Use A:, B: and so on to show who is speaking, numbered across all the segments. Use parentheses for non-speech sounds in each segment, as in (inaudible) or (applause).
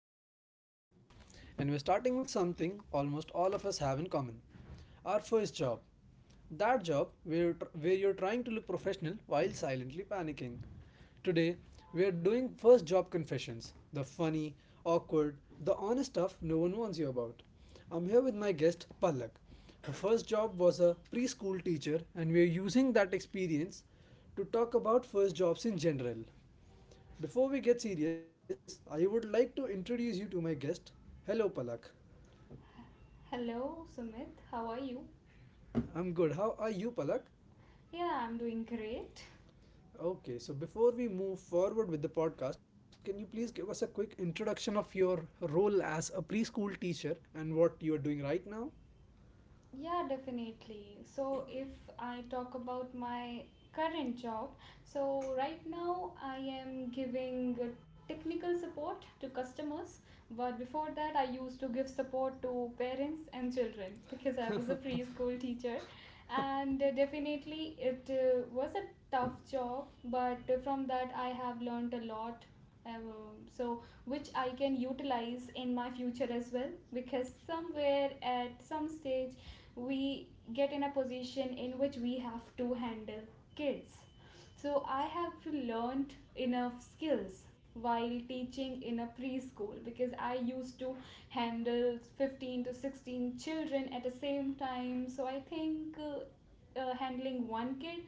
A: brand new podcast, and we're starting with something almost all of us have in common: our first job. That job where you're trying to look professional while silently panicking. Today, we are doing first job confessions: the funny, awkward, the honest stuff no one warns you about. I'm here with my guest, Palak. Her first job was a preschool teacher, and we're using that experience to talk about first jobs in general. Before we get serious, I would like to introduce you to my guest. Hello, Palak.
B: Hello, Sumit. How are you?
A: I'm good. How are you, Palak?
B: Yeah, I'm doing great.
A: Okay, so before we move forward with the podcast, can you please give us a quick introduction of your role as a preschool teacher and what you are doing right now?
B: Yeah, definitely. So, if I talk about my current job, so right now I am giving technical support to customers, but before that, I used to give support to parents and children (laughs) because I was a preschool teacher, and definitely it was a tough job, but from that, I have learned a lot. Um, so which I can utilize in my future as well because somewhere at some stage we get in a position in which we have to handle kids. So I have learned enough skills while teaching in a preschool because I used to handle 15 to 16 children at the same time. So I think, handling one kid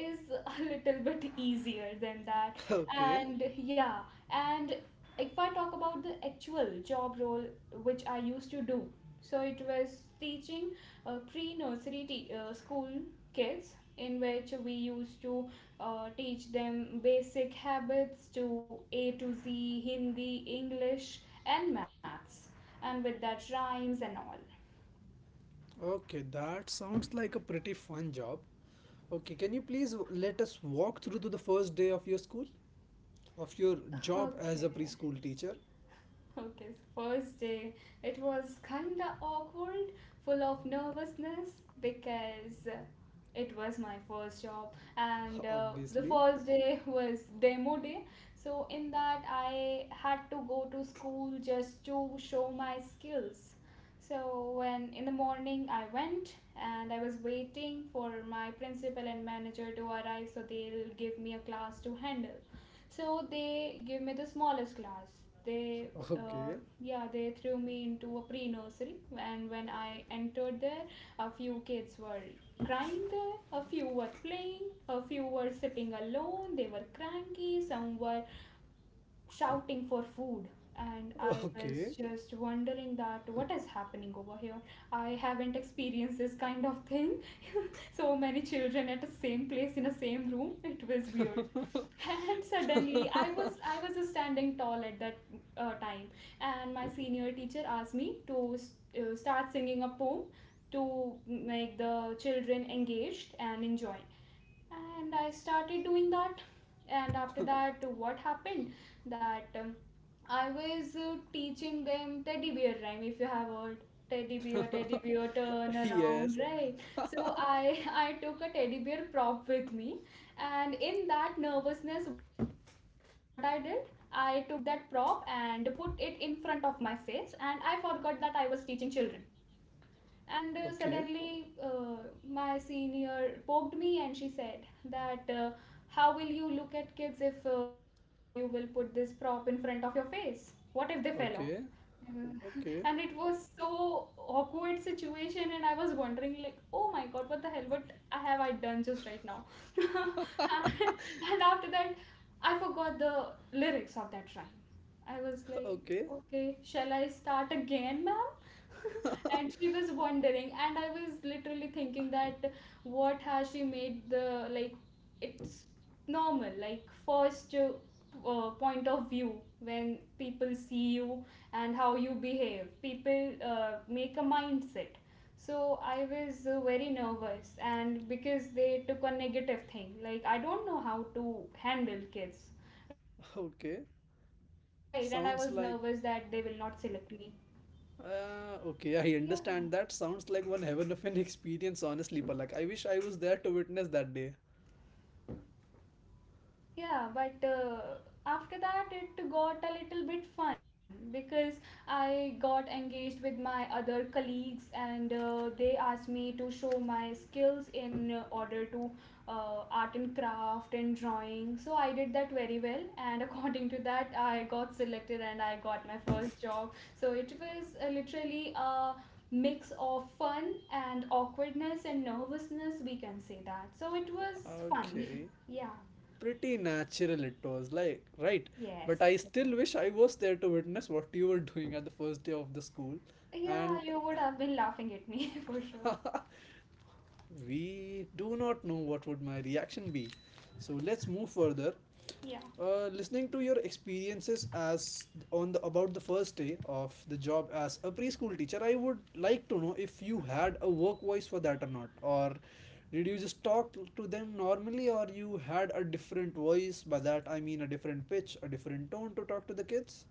B: is (laughs) a little bit easier than that.
A: (laughs) Okay.
B: And yeah. And if I talk about the actual job role which I used to do, so it was teaching pre-nursery school kids in which we used to teach them basic habits, to A to Z, Hindi, English, and maths, and with that rhymes and all.
A: Okay, that sounds like a pretty fun job. Okay, can you please let us walk through to the first day of your school? Of your
B: (laughs)
A: job as
B: Okay.
A: a preschool teacher?
B: Okay, so first day, it was kinda awkward, full of nervousness because it was my first job, and
A: (laughs)
B: the
A: Obviously.
B: first day was demo day. So, in that, I had to go to school just to show my skills. So, when in the morning I went and I was waiting for my principal and manager to arrive so they'll give me a class to handle. So they gave me the smallest class. They, uh,
A: Okay.
B: yeah, they threw me into a pre nursery, and when I entered there, a few kids were crying there, a few were playing, a few were sitting alone, they were cranky, some were shouting for food. And I
A: Okay.
B: was just wondering that what is happening over here. I haven't experienced this kind of thing, so many children at the same place in the same room. It was weird.
A: (laughs)
B: And suddenly I was standing tall at that time. And my senior teacher asked me to start singing a poem to make the children engaged and enjoy. And I started doing that. And after that, what happened that I was teaching them teddy bear rhyme. If you have heard, teddy bear, teddy bear, turn
A: Yes.
B: around, right? So I (laughs) I took a teddy bear prop with me. And in that nervousness, what I did, I took that prop and put it in front of my face, and I forgot that I was teaching children. And
A: Okay.
B: suddenly my senior poked me and she said that how will you look at kids if you will put this prop in front of your face, what if they fell off?
A: Okay.
B: Uh, (laughs) and it
A: Okay.
B: was so awkward situation, and I was wondering like, oh my god, what the hell, what have I done just right now. (laughs) And after that, I forgot the lyrics of that rhyme. I was
A: Okay.
B: like, okay, shall I start again, ma'am? (laughs) And she was wondering, and I was literally thinking that what has she made the, like, it's normal, like first point of view. When people see you and how you behave, people make a mindset. So I was very nervous, and because they took a negative thing like I don't know how to handle kids, right? And I was
A: Okay.
B: nervous that they will not select
A: Sounds
B: me.
A: like
B: Yeah.
A: okay, I understand that. Sounds like one heaven of an experience, honestly, Palak. I wish I was there to witness that day.
B: Yeah, but after that it got a little bit fun because I got engaged with my other colleagues, and they asked me to show my skills in order to art and craft and drawing. So I did that very well, and (laughs) according to that, I got selected and I got my first job. So it was literally a mix of fun and awkwardness and nervousness, we can say that. So it was fun.
A: Okay.
B: (laughs) Yeah.
A: Pretty natural it was, like, right? But
B: Yes,
A: I still
B: definitely.
A: wish I was there to witness what you were doing at the first day of the school. And
B: Yeah, you would have been laughing at me (laughs) for sure.
A: (laughs) we do not know what would my reaction be. So let's move further.
B: Yeah.
A: Listening to your experiences as on the about the first day of the job as a preschool teacher, I would like to know if you had a work voice for that or not, or did you just talk to them normally, or you had a different voice? By that I mean a different pitch, a different tone to talk to the kids.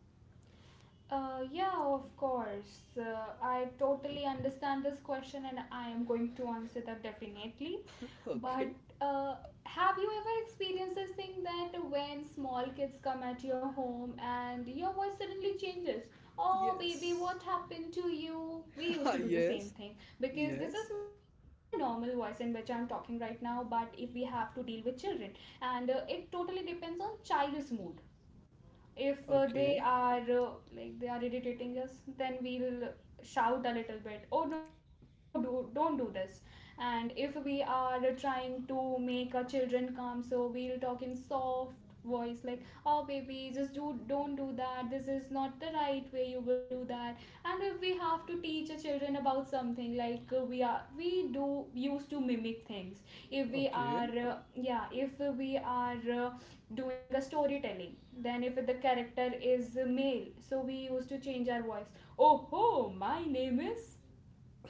B: Yeah, of course. I totally understand this question, and I am going to answer that definitely.
A: (laughs)
B: But
A: Okay.
B: uh, have you ever experienced this thing that when small kids come at your home and your voice suddenly changes? Oh, baby,
A: Yes.
B: what happened to you? We used to
A: (laughs)
B: do the same
A: Yes.
B: thing because this
A: Yes.
B: is my normal voice in which I'm talking right now. But if we have to deal with children, and it totally depends on child's mood. If
A: Okay.
B: they are like they are irritating us, then we'll shout a little bit, oh no, don't do this. And if we are trying to make our children calm, so we'll talk in soft voice like, oh baby, just do don't do that. This is not the right way you will do that. And if we have to teach our children about something, like we do used to mimic things. If we
A: Okay.
B: are yeah, if we are doing a storytelling, then if the character is male, so we used to change our voice. Oh ho, my name is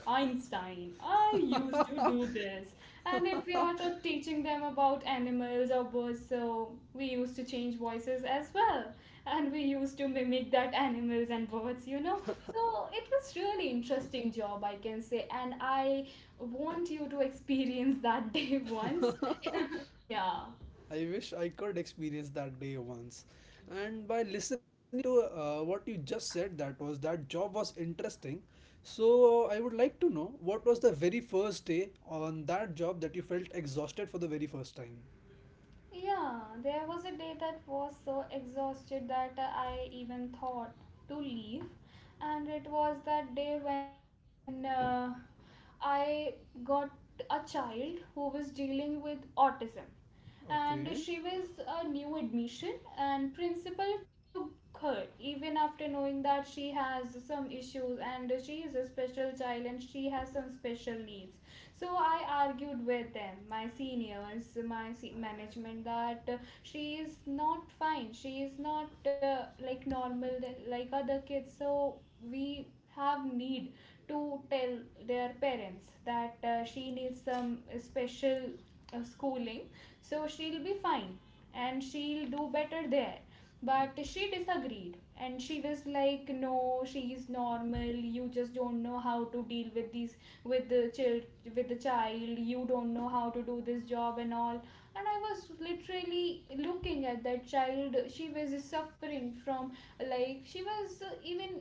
B: Einstein. I
A: (laughs)
B: used to do this. And if we are just teaching them about animals or birds, so we used to change voices as well. And we used to mimic that animals and birds, you know. So it was really interesting job, I can say. And I want you to experience that day (laughs) once.
A: I
B: (laughs) Yeah.
A: wish I could experience that day once. And by listening to what you just said, that job was interesting. So I would like to know what was the very first day on that job that you felt exhausted for the very first time.
B: Yeah, there was a day that was so exhausted that I even thought to leave. And it was that day when I got a child who was dealing with autism. And
A: Okay.
B: she was a new admission, and principal took her even after knowing that she has some issues and she is a special child and she has some special needs. So I argued with them, my seniors, management, that she is not fine, she is not like normal, like other kids. So we have need to tell their parents that she needs some special schooling, so she'll be fine and she'll do better there. But she disagreed. And she was like, no, she is normal, you just don't know how to deal with these, with the child. You don't know how to do this job and all. And I was literally looking at that child. She was suffering from, like, she was even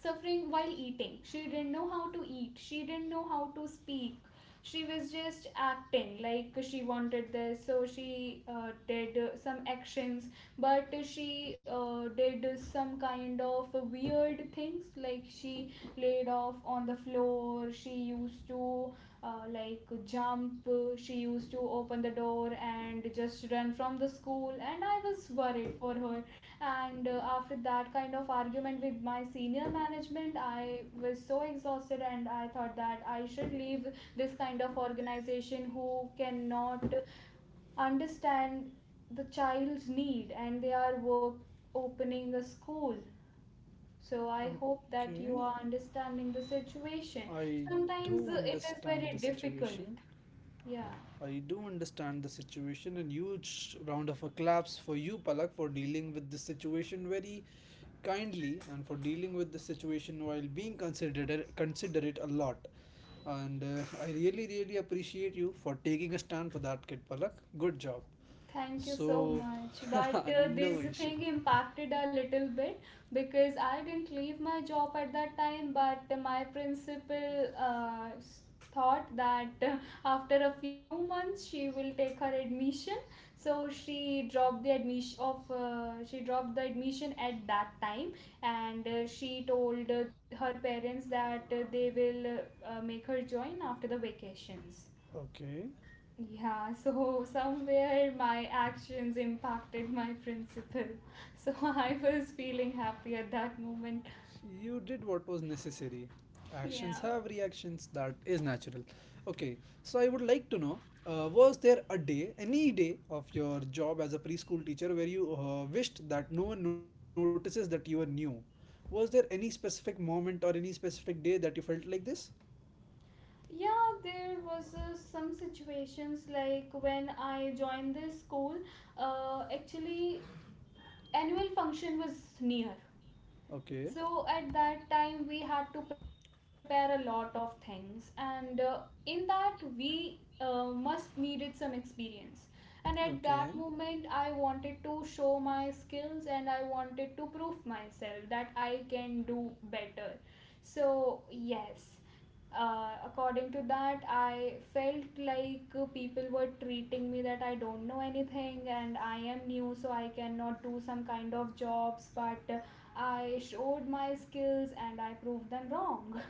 B: suffering while eating. She didn't know how to eat. She didn't know how to speak. She was just acting like she wanted this, so she did some actions. But she did some kind of weird things, like she laid off on the floor, she used to like jump, she used to open the door and just run from the school. And I was worried for her. And after that kind of argument with my senior management, I was so exhausted, and I thought that I should leave this kind of organization who cannot understand the child's need, and they are work opening a school. So I hope that you
A: Okay.
B: are understanding the situation.
A: I
B: Sometimes
A: do
B: it is
A: understand the
B: very difficult.
A: situation.
B: Yeah.
A: I do understand the situation, and huge round of applause for you, Palak, for dealing with this situation very kindly and for dealing with the situation while being considerate a lot. And I really, really appreciate you for taking a stand for that, kid Palak. Good job.
B: Thank you so
A: So,
B: much. But
A: (laughs) no
B: this
A: issue.
B: thing impacted a little bit because I didn't leave my job at that time. But my principal thought that after a few months she will take her admission. So she dropped the admission at that time. And she told her parents that they will make her join after the vacations.
A: Okay.
B: Yeah, so somewhere my actions impacted my principal. So (laughs) I was feeling happy at that moment.
A: You did what was necessary. Actions
B: Yeah.
A: have reactions, that is natural. Okay, so I would like to know, was there a day, any day of your job as a preschool teacher where you wished that no one notices that you are new? Was there any specific moment or any specific day that you felt like this?
B: Yeah, there was some situations like when I joined this school, actually annual function was near.
A: Okay,
B: So at that time, we had to prepare a lot of things, and in that, we must needed some experience. And at that
A: okay.
B: moment, I wanted to show my skills and I wanted to prove myself that I can do better. So, yes, according to that, I felt like people were treating me that I don't know anything and I am new, so I cannot do some kind of jobs. But I showed my skills and I proved them wrong.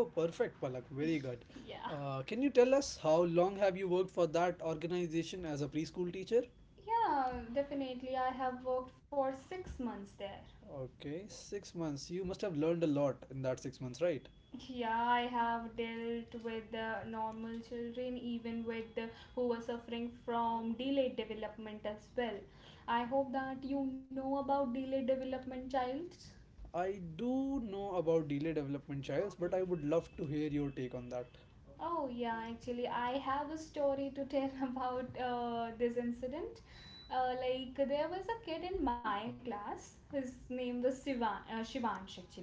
A: Oh, perfect, Palak.
B: (laughs)
A: Very good.
B: Yeah.
A: Can you tell us how long have you worked for that organization as a preschool teacher?
B: Yeah, definitely. I have worked for 6 months there.
A: Okay, 6 months. You must have learned a lot in that 6 months, right?
B: Yeah, I have dealt with the normal children, even with the, who were suffering from delayed development as well. I hope that you know about delayed development childs.
A: I do know about delay development trials, but I would love to hear your take on that.
B: Oh, yeah, actually, I have a story to tell (laughs) about this incident. Like, there was a kid in my class. His name was Shivansh, actually.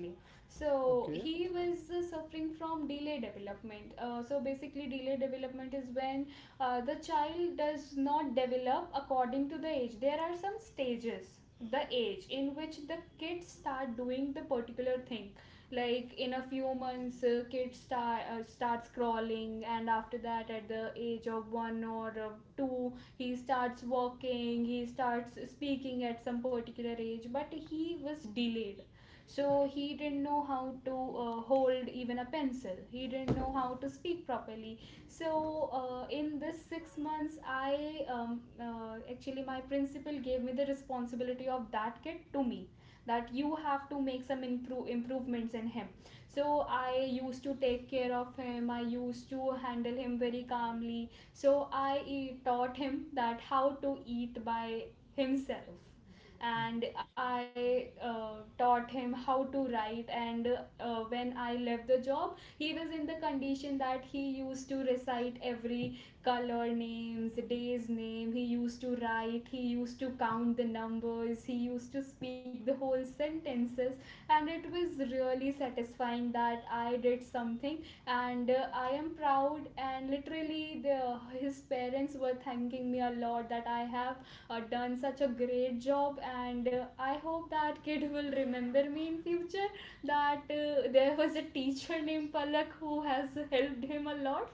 A: Okay.
B: So, he was suffering from delay development. So, basically, delay development is when the child does not develop according to the age. There are some stages, the age in which the kids start doing the particular thing like in a few months kids starts crawling, and after that at the age of 1 or 2 he starts walking, he starts speaking at some particular age, but he was delayed, so he didn't know how to hold even a pencil. He didn't know how to speak properly. So in this 6 months I actually my principal gave me the responsibility of that kid to me, that you have to make some improvements in him. So I used to take care of him. I used to handle him very calmly. So I taught him that how to eat by himself, and I taught him how to write, and when I left the job, he was in the condition that he used to recite every color names, day's name. He used to write, he used to count the numbers, he used to speak the whole sentences, and it was really satisfying that I did something. And I am proud, and literally the his parents were thanking me a lot that I have done such a great job. And I hope that kid will remember me in future, that there was a teacher named Palak who has helped him a lot.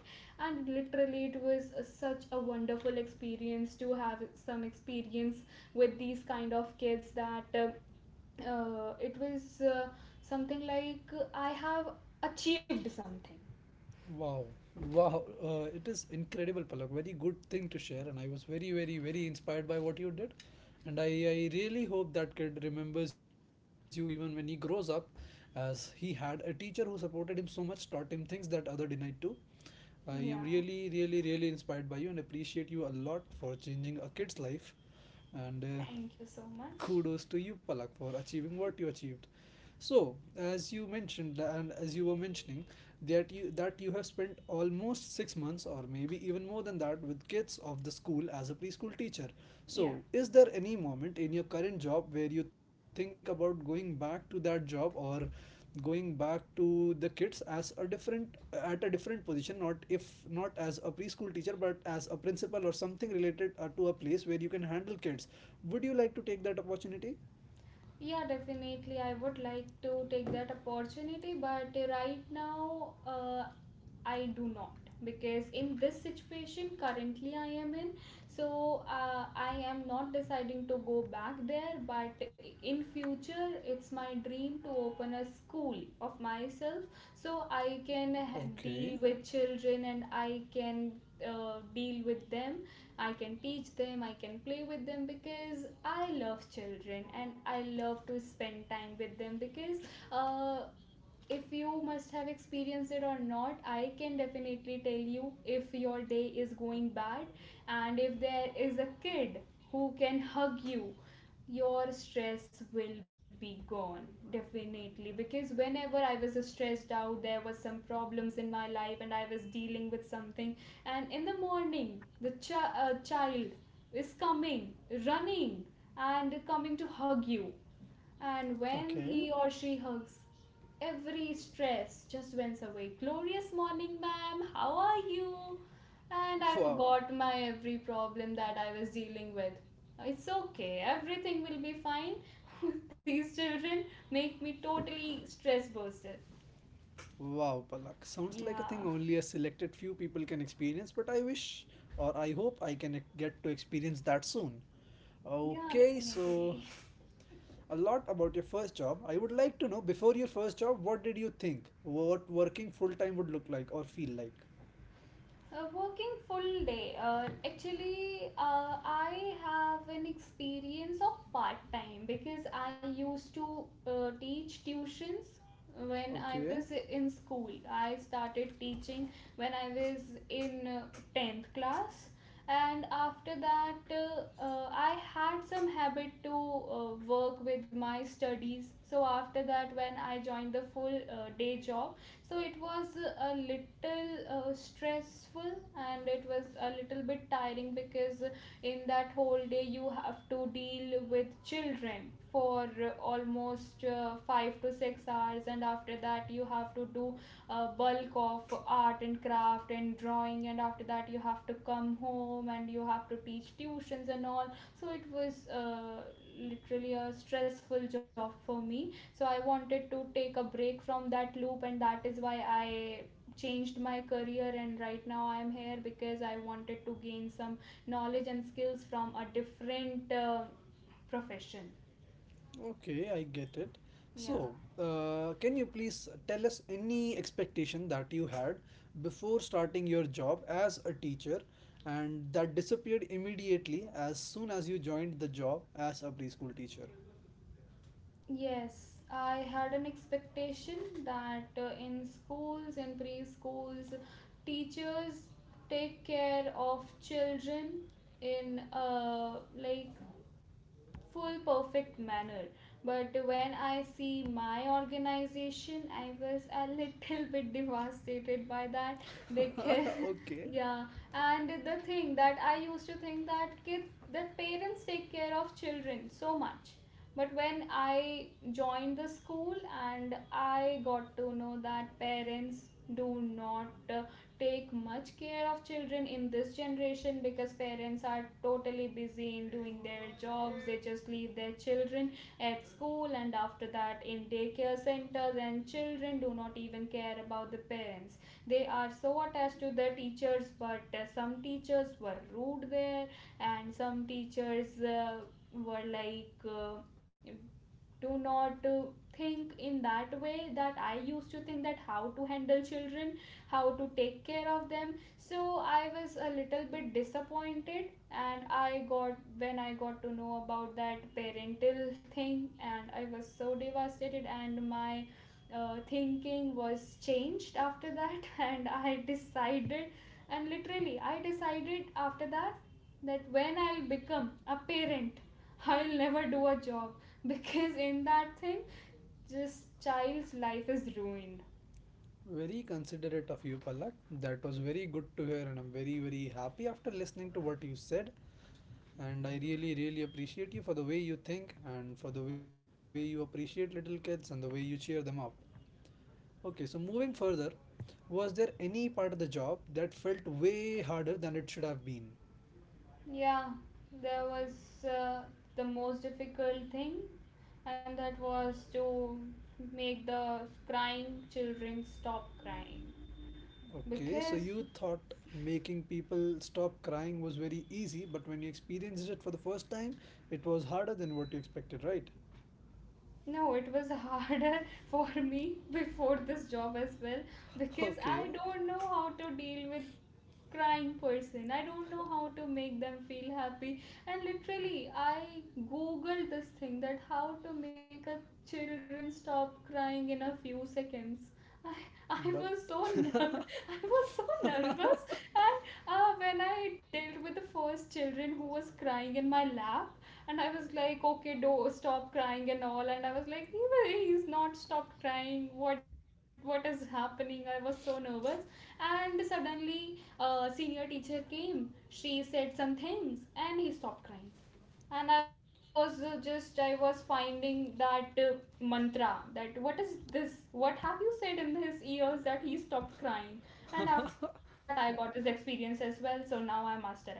B: And literally it was such a wonderful experience to have some experience with these kind of kids, that it was something like I have achieved something.
A: Wow, wow, it is incredible, Palak. Very good thing to share, and I was very, very, very inspired by what you did. And I really hope that kid remembers you even when he grows up, as he had a teacher who supported him so much, taught him things that other denied too. I am
B: Yeah,
A: really, really, really inspired by you and appreciate you a lot for changing a kid's life. And
B: thank you so much.
A: kudos to you Palak for achieving what you achieved. So, as you mentioned, and as you were mentioning, that you have spent almost 6 months or maybe even more than that with kids of the school as a preschool teacher, so
B: Yeah.
A: is there any moment in your current job where you think about going back to that job, or going back to the kids as a different at a different position, not if not as a preschool teacher, but as a principal or something related to a place where you can handle kids? Would you like to take that opportunity?
B: Yeah, definitely. I would like to take that opportunity, but right now, I do not, because in this situation currently I am in, so I am not deciding to go back there. But in future, it's my dream to open a school of myself, so I can deal
A: Okay,
B: with children, and I can deal with them. I can teach them, I can play with them, because I love children and I love to spend time with them. Because uh, if you must have experienced it or not, I can definitely tell you, if your day is going bad and if there is a kid who can hug you, your stress will be gone, definitely. Because whenever I was stressed out, there was some problems in my life and I was dealing with something, and in the morning the child is coming running and coming to hug you, and
A: okay.
B: when he or she hugs, every stress just went away. Glorious morning, ma'am. How are you?
A: (laughs)
B: And
A: Wow.
B: I forgot my every problem that I was dealing with. It's okay. Everything will be fine. (laughs) These children make me totally stress bursted.
A: Wow, Palak. Sounds like a thing
B: Yeah.
A: only a selected few people can experience, but I wish or I hope I can get to experience that soon.
B: Yeah,
A: Okay, so,
B: definitely.
A: a lot about your first job. I would like to know, before your first job, what did you think? What working full time would look like or feel like?
B: Working full day. Actually, I have an experience of part time, because I used to teach tuitions when I
A: Okay.
B: was in school. I started teaching when I was in 10th class, and after that, I had some habit to work with my studies. So, after that, when I joined the full day job, so it was a little stressful, and it was a little bit tiring, because in that whole day you have to deal with children for almost 5 to 6 hours, and after that you have to do a bulk of art and craft and drawing, and after that you have to come home and you have to teach tuitions and all. So it was literally a stressful job for me. So I wanted to take a break from that loop, and that is why I changed my career. And right now I am here because I wanted to gain some knowledge and skills from a different profession.
A: Okay, I get it.
B: Yeah.
A: So, can you please tell us any expectation that you had before starting your job as a teacher, and that disappeared immediately as soon as you joined the job as a preschool teacher?
B: Yes, I had an expectation that in schools, in preschools, teachers take care of children in like full perfect manner, but when I see my organization, I was a little bit devastated by that.
A: (laughs) Okay.
B: Because (laughs) yeah. And the thing that I used to think that kids, that parents take care of children so much. But when I joined the school and I got to know that parents do not take much care of children in this generation, because parents are totally busy in doing their jobs, they just leave their children at school, and after that in daycare centers, and children do not even care about the parents. They are so attached to the teachers. But some teachers were rude there, and some teachers were like do not think in that way that I used to think, that how to handle children, how to take care of them. So I was a little bit disappointed, and I got, when I got to know about that parental thing, and I was so devastated, and my thinking was changed after that. (laughs) And I decided, and literally I decided after that, that when I'll become a parent, I'll never do a job, (laughs) because in that thing, just child's life is ruined.
A: Very considerate of you, Palak. That was very good to hear, and I'm very, very happy after listening to what you said. And I really, really appreciate you for the way you think and for the way you appreciate little kids and the way you cheer them up. Okay, so moving further, was there any part of the job that felt way harder than it should have been?
B: Yeah, there was uh, the most difficult thing, and that was to make the crying children stop crying.
A: Okay, so
B: Because
A: you thought making people stop crying was very easy, but when you experienced it for the first time, it was harder than what you expected, right?
B: no, it was harder (laughs) for me before this job as well,
A: (laughs)
B: because I
A: Okay,
B: don't know how to deal with crying person. I don't know how to make them feel happy. And literally I googled this thing, that how to make a children stop crying in a few seconds. i,
A: but
B: I was so
A: (laughs)
B: (laughs) I was so nervous. And when I dealt with the first children who was crying in my lap, and I was like, okay, do stop crying and all. And I was like, he's not stopped crying. What is happening? I was so nervous. And suddenly, a senior teacher came. She said some things and he stopped crying. And I was I was finding that mantra, that what is this? What have you said in his ears that he stopped crying? And after that, I got this experience as well. So now I'm master at it.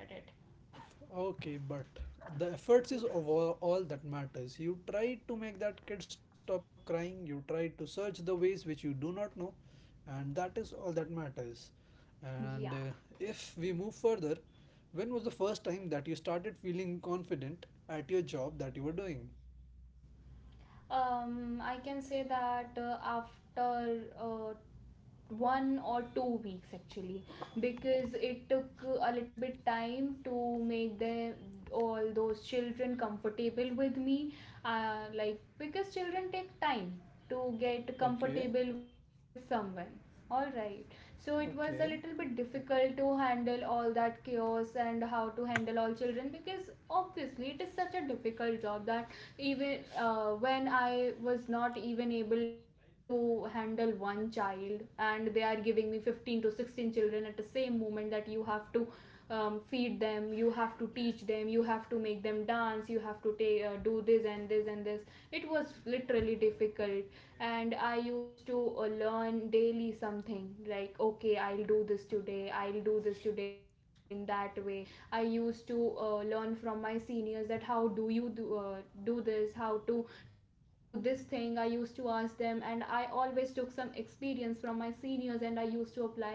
A: okay, but the
B: Y-
A: efforts is over, all that matters. You tried to make that kid stop crying, you tried to search the ways which you do not know, and that is all that matters.
B: Yeah.
A: And if we move further, when was the first time that you started feeling confident at your job that you were doing?
B: I can say that after 1 or 2 weeks actually, because it took a little bit time to make them, all those children, comfortable with me. Like because children take time to get
A: Okay,
B: comfortable with someone. All right, so it was a little
A: okay.
B: bit difficult to handle all that chaos and how to handle all children, because obviously it is such a difficult job, that even when I was not even able to handle one child, and they are giving me 15 to 16 children at the same moment, that you have to feed them, you have to teach them, you have to make them dance, you have to do this and this and this. It was literally difficult. And I used to learn daily something, like okay, I'll do this today, I'll do this today. In that way I used to learn from my seniors, that how do you do, do this, how to do this thing. I used to ask them, and I always took some experience from my seniors, and I used to apply this.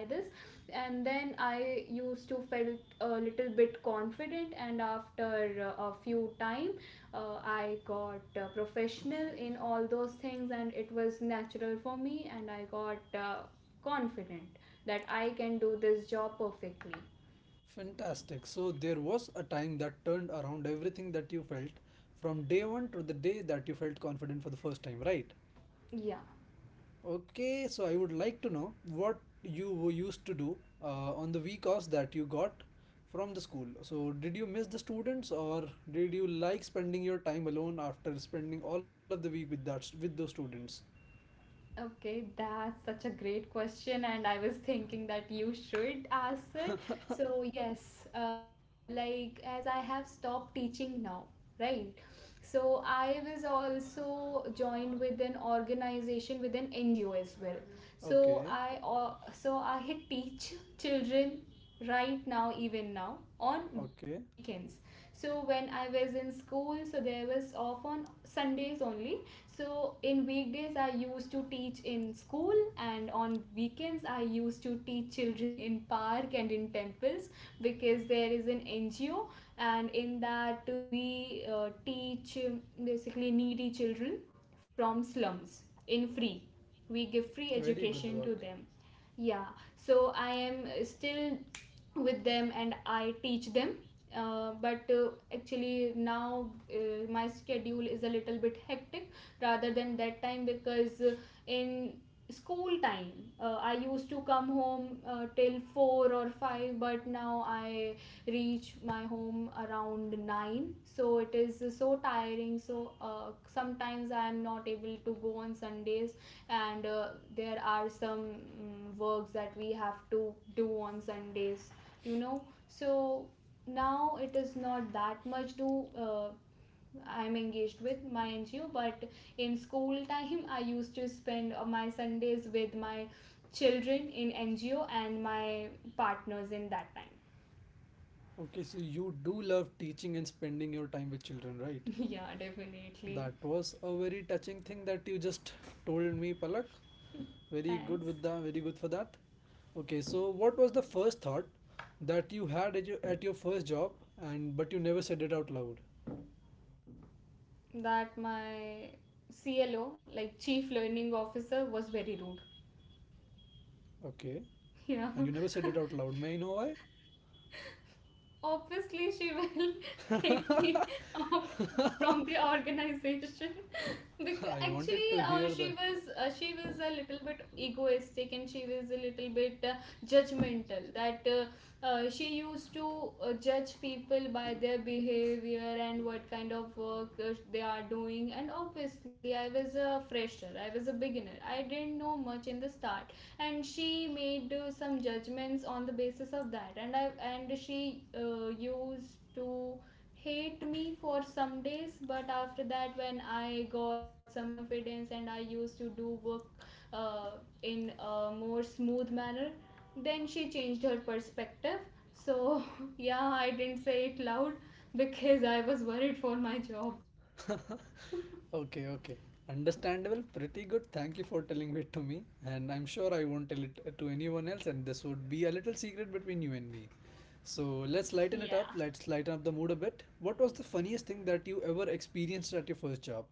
B: And then I used to felt a little bit confident, and after a few time, I got professional in all those things, and it was natural for me, and I got confident that I can do this job perfectly.
A: Fantastic. So there was a time that turned around everything that you felt from day one to the day that you felt confident for the first time, right?
B: Yeah.
A: Okay, so I would like to know what you used to do on the week offs that you got from the school. So, did you miss the students, or did you like spending your time alone after spending all of the week with those students?
B: Okay, that's such a great question, and I was thinking that you should ask it. So, yes, like as I have stopped teaching now, right? So, I was also joined with an organization, with an NGO as well. so
A: Okay,
B: i uh, so i teach children right now, even now on
A: okay,
B: weekends. So when I was in school, so there was off on Sundays only. So in weekdays I used to teach in school, and on weekends I used to teach children in park and in temples, because there is an NGO. And in that we teach basically needy children from slums in free. We give free
A: very good work.
B: education to them. Yeah. So I am still with them and I teach them. But Actually now my schedule is a little bit hectic rather than that time, because in school time, I used to come home till 4 or 5, but now I reach my home around 9, so it is so tiring. So sometimes I am not able to go on Sundays. And there are some works that we have to do on Sundays, you know so now it is not that much to I'm engaged with my NGO. But in school time, I used to spend my Sundays with my children in NGO and my partners in that time.
A: Okay, so you do love teaching and spending your time with children, right?
B: (laughs) Yeah, definitely.
A: That was a very touching thing that you just told me, Palak. Very good
B: Thanks.
A: with that. Very good for that. Okay, so what was the first thought that you had at your first job, and but you never said it out loud?
B: That my clo, like, chief learning officer was very rude.
A: Okay, and you never
B: (laughs)
A: said
B: Yeah.
A: it out loud. May I know
B: Obviously, she will (laughs) take
A: why?
B: me off from the organization. (laughs)
A: (laughs) I
B: Because
A: wanted to
B: actually
A: hear that.
B: she was a little bit egoistic, and she was a little bit judgmental. That She used to judge people by their behavior and what kind of work they are doing. And obviously I was a fresher, I was a beginner, I didn't know much in the start, and she made some judgments on the basis of that. And she used to hate me for some days. But after that, when I got some confidence and I used to do work uh, in a more smooth manner, then she changed her perspective. So (laughs) yeah, I didn't say it loud because I was worried for my job.
A: (laughs) Okay, okay. Understandable, pretty good. Thank you for telling it to me. And I'm sure I won't tell it to anyone else, and this would be a little secret between you and me. So
B: Yeah.
A: let's lighten it up. Let's lighten up the mood a bit. What was the funniest thing that you ever experienced at your first job?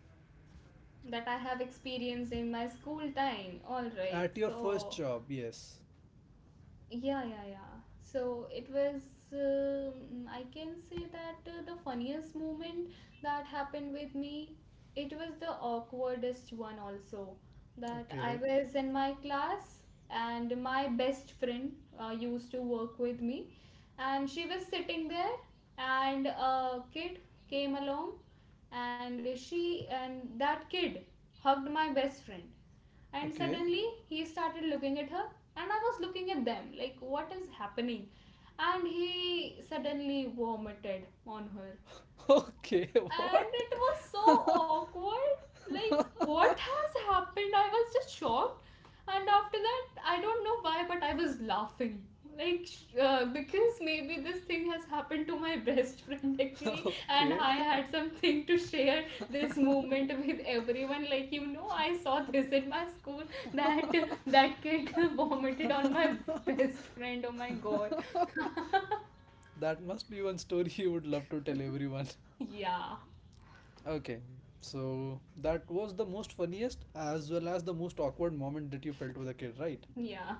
B: That I have experienced in my school time, all right. So
A: At your first job, yes.
B: yeah, yeah, yeah. So it was, I can say that the funniest moment that happened with me, it was the awkwardest one also. That I
A: Okay.
B: was in my class and my best friend used to work with me, and she was sitting there, and a kid came along, and she and that kid hugged my best friend. And
A: Okay. (laughs)
B: suddenly he started looking at her, and I was looking at them like what is happening, and he suddenly vomited on her.
A: Okay, (laughs)
B: And
A: what?
B: it was so awkward, like what has
A: (laughs)
B: happened. I was just shocked. And after that, I don't know why, but I was laughing like because maybe this thing has happened to my (laughs) best friend. Actually, and
A: Okay.
B: I had something to share this moment with everyone, like, you know, I saw this in my school, that that kid (laughs) vomited on my best friend. Oh my god.
A: (laughs) That must be one story (laughs) you would love to tell everyone. (laughs)
B: Yeah.
A: Okay, so that was the most funniest as well as the most awkward moment that you felt with a kid, right?
B: Yeah.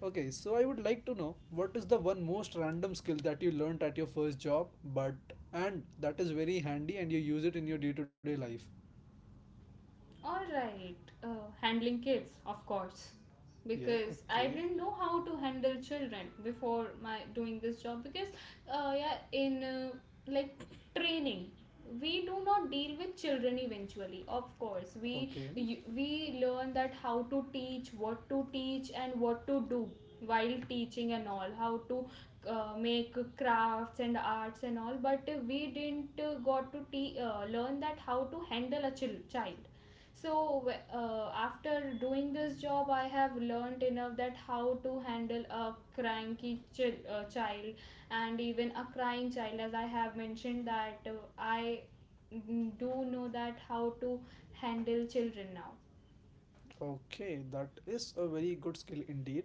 A: Okay, so I would like to know, what is the one most random skill that you learnt at your first job, but and that is very handy and you use it in your day to day life?
B: All right, handling kids, of course,
A: Yeah,
B: because I
A: okay,
B: didn't know how to handle children before my doing this job. Because yeah, in, like, training, we do not deal with children eventually. Of course,
A: okay.
B: we learn that how to teach, what to teach, and what to do while teaching and all, how to make crafts and arts and all. But we didn't learn that how to handle a child. So after doing this job, I have learned enough that how to handle a cranky child, and even a crying child. As I have mentioned that I do know that how to handle children now.
A: Okay, that is a very good skill indeed.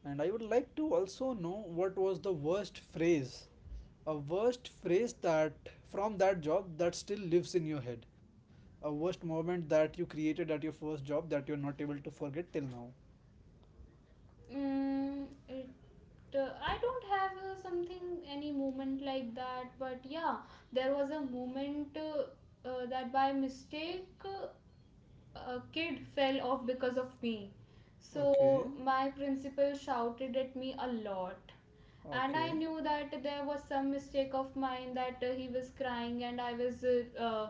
A: And I would like to also know, what was a worst phrase that from that job that still lives in your head, a worst moment that you created at your first job that you're not able to forget till now.
B: Mm, it I don't have something any moment like that. But yeah, there was a moment that by mistake a kid fell off because of me.
A: Okay,
B: So my principal shouted at me a lot. And I
A: okay,
B: knew that there was some mistake of mine, that he was crying and I was uh, uh,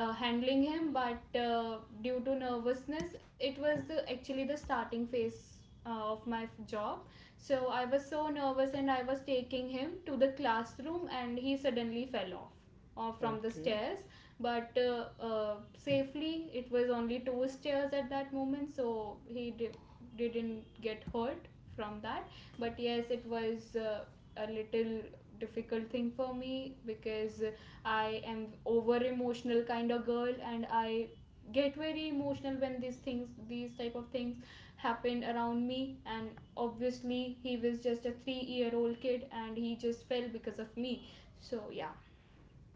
B: uh, handling him. But due to nervousness, it was the actually the starting phase of my job. So I was so nervous, and I was taking him to the classroom, and he suddenly fell off from the
A: okay.
B: stairs. But safely, it was only two stairs at that moment, so he didn't get hurt from that. But yes, it was a little difficult thing for me, because I am over emotional kind of girl, and I get very emotional when these things these type of things happen around me. And obviously, he was just a 3-year-old kid, and he just fell because of me, so yeah.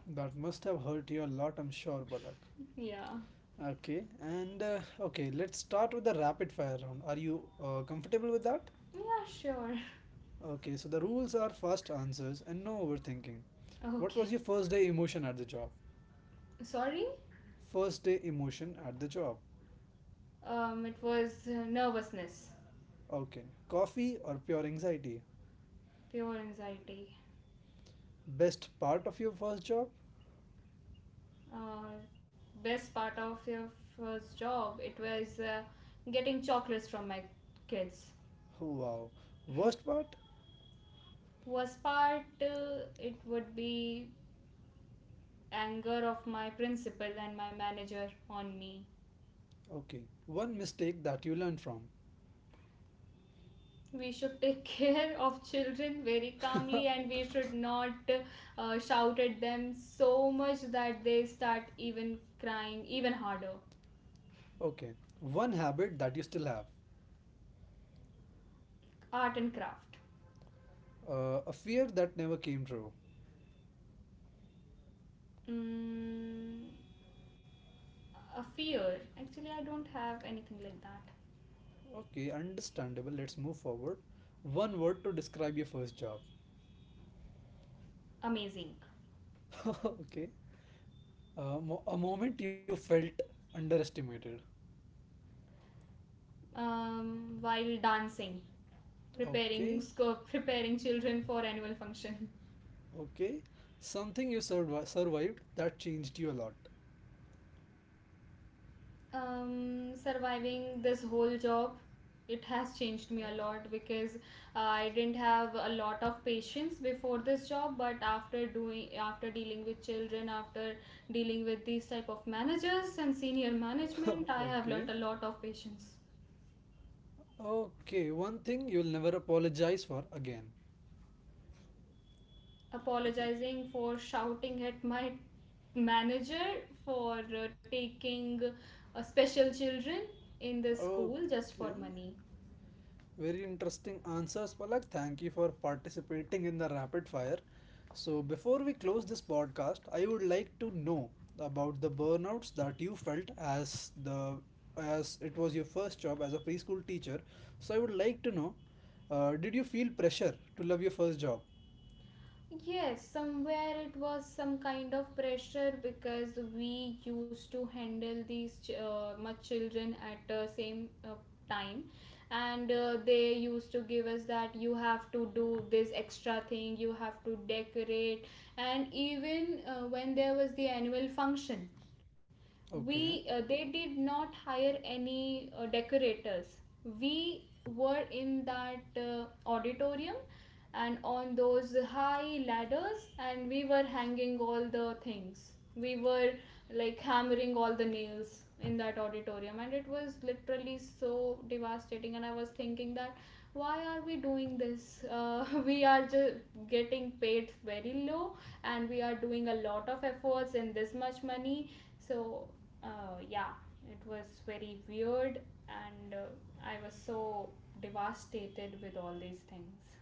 A: That must have hurt you a lot, I'm sure, Balak.
B: Yeah.
A: Okay, and okay, let's start with the rapid fire round. Are you comfortable with that?
B: Yeah, sure.
A: Okay, so the rules are fast answers and no overthinking. What
B: Okay,
A: was your first day emotion at the job?
B: sorry.
A: First day emotion at the job.
B: Um, it was, nervousness.
A: Okay, coffee or pure anxiety?
B: Pure anxiety.
A: Best part of your first job?
B: uh, Best part of your first job, it was getting chocolates from my kids.
A: Wow. Worst part?
B: Worst part, it would be anger of my principal and my manager on me.
A: Okay, one mistake that you learned from.
B: We should take (laughs) care of children very calmly, and we should not shout at them so much that they start even crying even harder.
A: Okay, one habit that you still have.
B: Art and craft.
A: A fear that never came true.
B: mm, a fear, actually I don't have anything like that.
A: Okay, understandable. Let's move forward. One word to describe your first job.
B: Amazing.
A: (laughs) Okay. A moment you felt underestimated.
B: While dancing,
A: Okay,
B: (laughs) preparing children for annual function.
A: okay. Something you survived that changed you a lot.
B: Surviving this whole job, it has changed me a lot, because I didn't have a lot of patience before this job. But after doing, after dealing with children, after dealing with these type of managers and senior management,
A: (laughs)
B: I have
A: Okay,
B: learnt a lot of patience.
A: okay. One thing you'll never apologize for again.
B: Apologizing for shouting at my manager for taking special children in the school just for
A: Okay,
B: money.
A: very interesting answers, Palak. Thank you for participating in the rapid fire. So, before we close this podcast, I would like to know about the burnouts that you felt as the as it was your first job as a preschool teacher. So, I would like to know, did you feel pressure to love your first job?
B: Yes, somewhere it was some kind of pressure, because we used to handle these much children at the same time. And they used to give us that you have to do this extra thing, you have to decorate. And even when there was the annual function, we
A: Okay.
B: they did not hire any decorators. We were in that auditorium and on those high ladders, and we were hanging all the things, we were like hammering all the nails in that auditorium. And it was literally so devastating, and I was thinking that why are we doing this (laughs) we are just getting paid very low, and we are doing a lot of efforts in this much money. So yeah, it was very weird. And I was so devastated with all these things.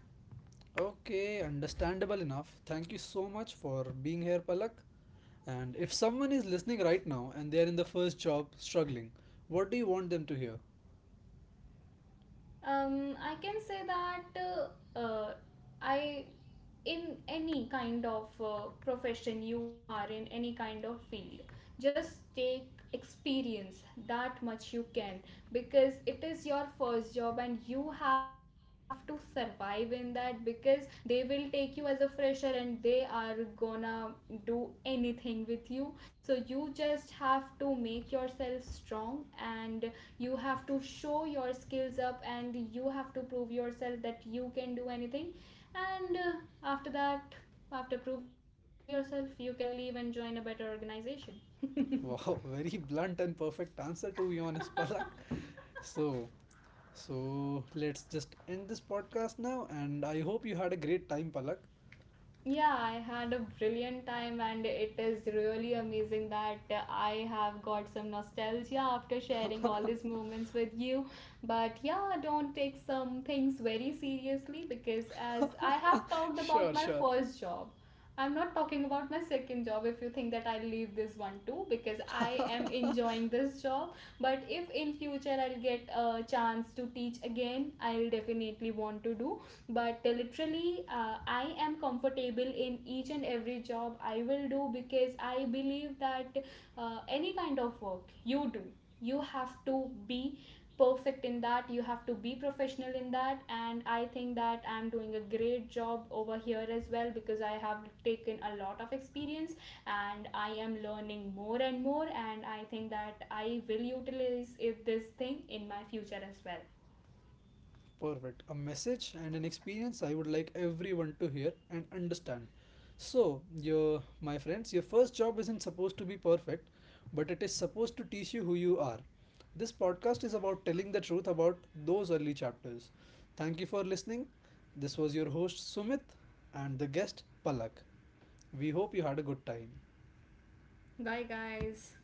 A: Okay, understandable enough. Thank you so much for being here, Palak. And if someone is listening right now and they are in the first job struggling, what do you want them to hear?
B: I can say that I, in any kind of profession you are in, any kind of field, just take experience that much you can, because it is your first job and you have to survive in that. Because they will take you as a fresher, and they are gonna do anything with you. So you just have to make yourself strong, and you have to show your skills up, and you have to prove yourself that you can do anything. And after that, after proving yourself, you can leave and join a better organization.
A: Wow, (laughs) very blunt and perfect answer to be honest, Palak. So, so, let's just end this podcast now, and I hope you had a great time, Palak.
B: Yeah, I had a brilliant time, and it is really amazing that I have got some nostalgia after sharing all these moments with you. But yeah, don't take some things very seriously, because as I have talked about
A: Sure,
B: my
A: sure.
B: first job, I'm not talking about my second job, if you think that I'll leave this one too, because I am enjoying this job. But if in future I'll get a chance to teach again, I'll definitely want to do. But literally, I am comfortable in each and every job I will do, because I believe that any kind of work you do, you have to be perfect in that, you have to be professional in that. And I think that I'm doing a great job over here as well, because I have taken a lot of experience, and I am learning more and more, and I think that I will utilize it, this thing in my future as well.
A: Perfect. A message and an experience I would like everyone to hear and understand. So, your my friends, your first job isn't supposed to be perfect, but it is supposed to teach you who you are. This podcast is about telling the truth about those early chapters. Thank you for listening. This was your host Sumit and the guest Palak. We hope you had a good time.
B: Bye, guys.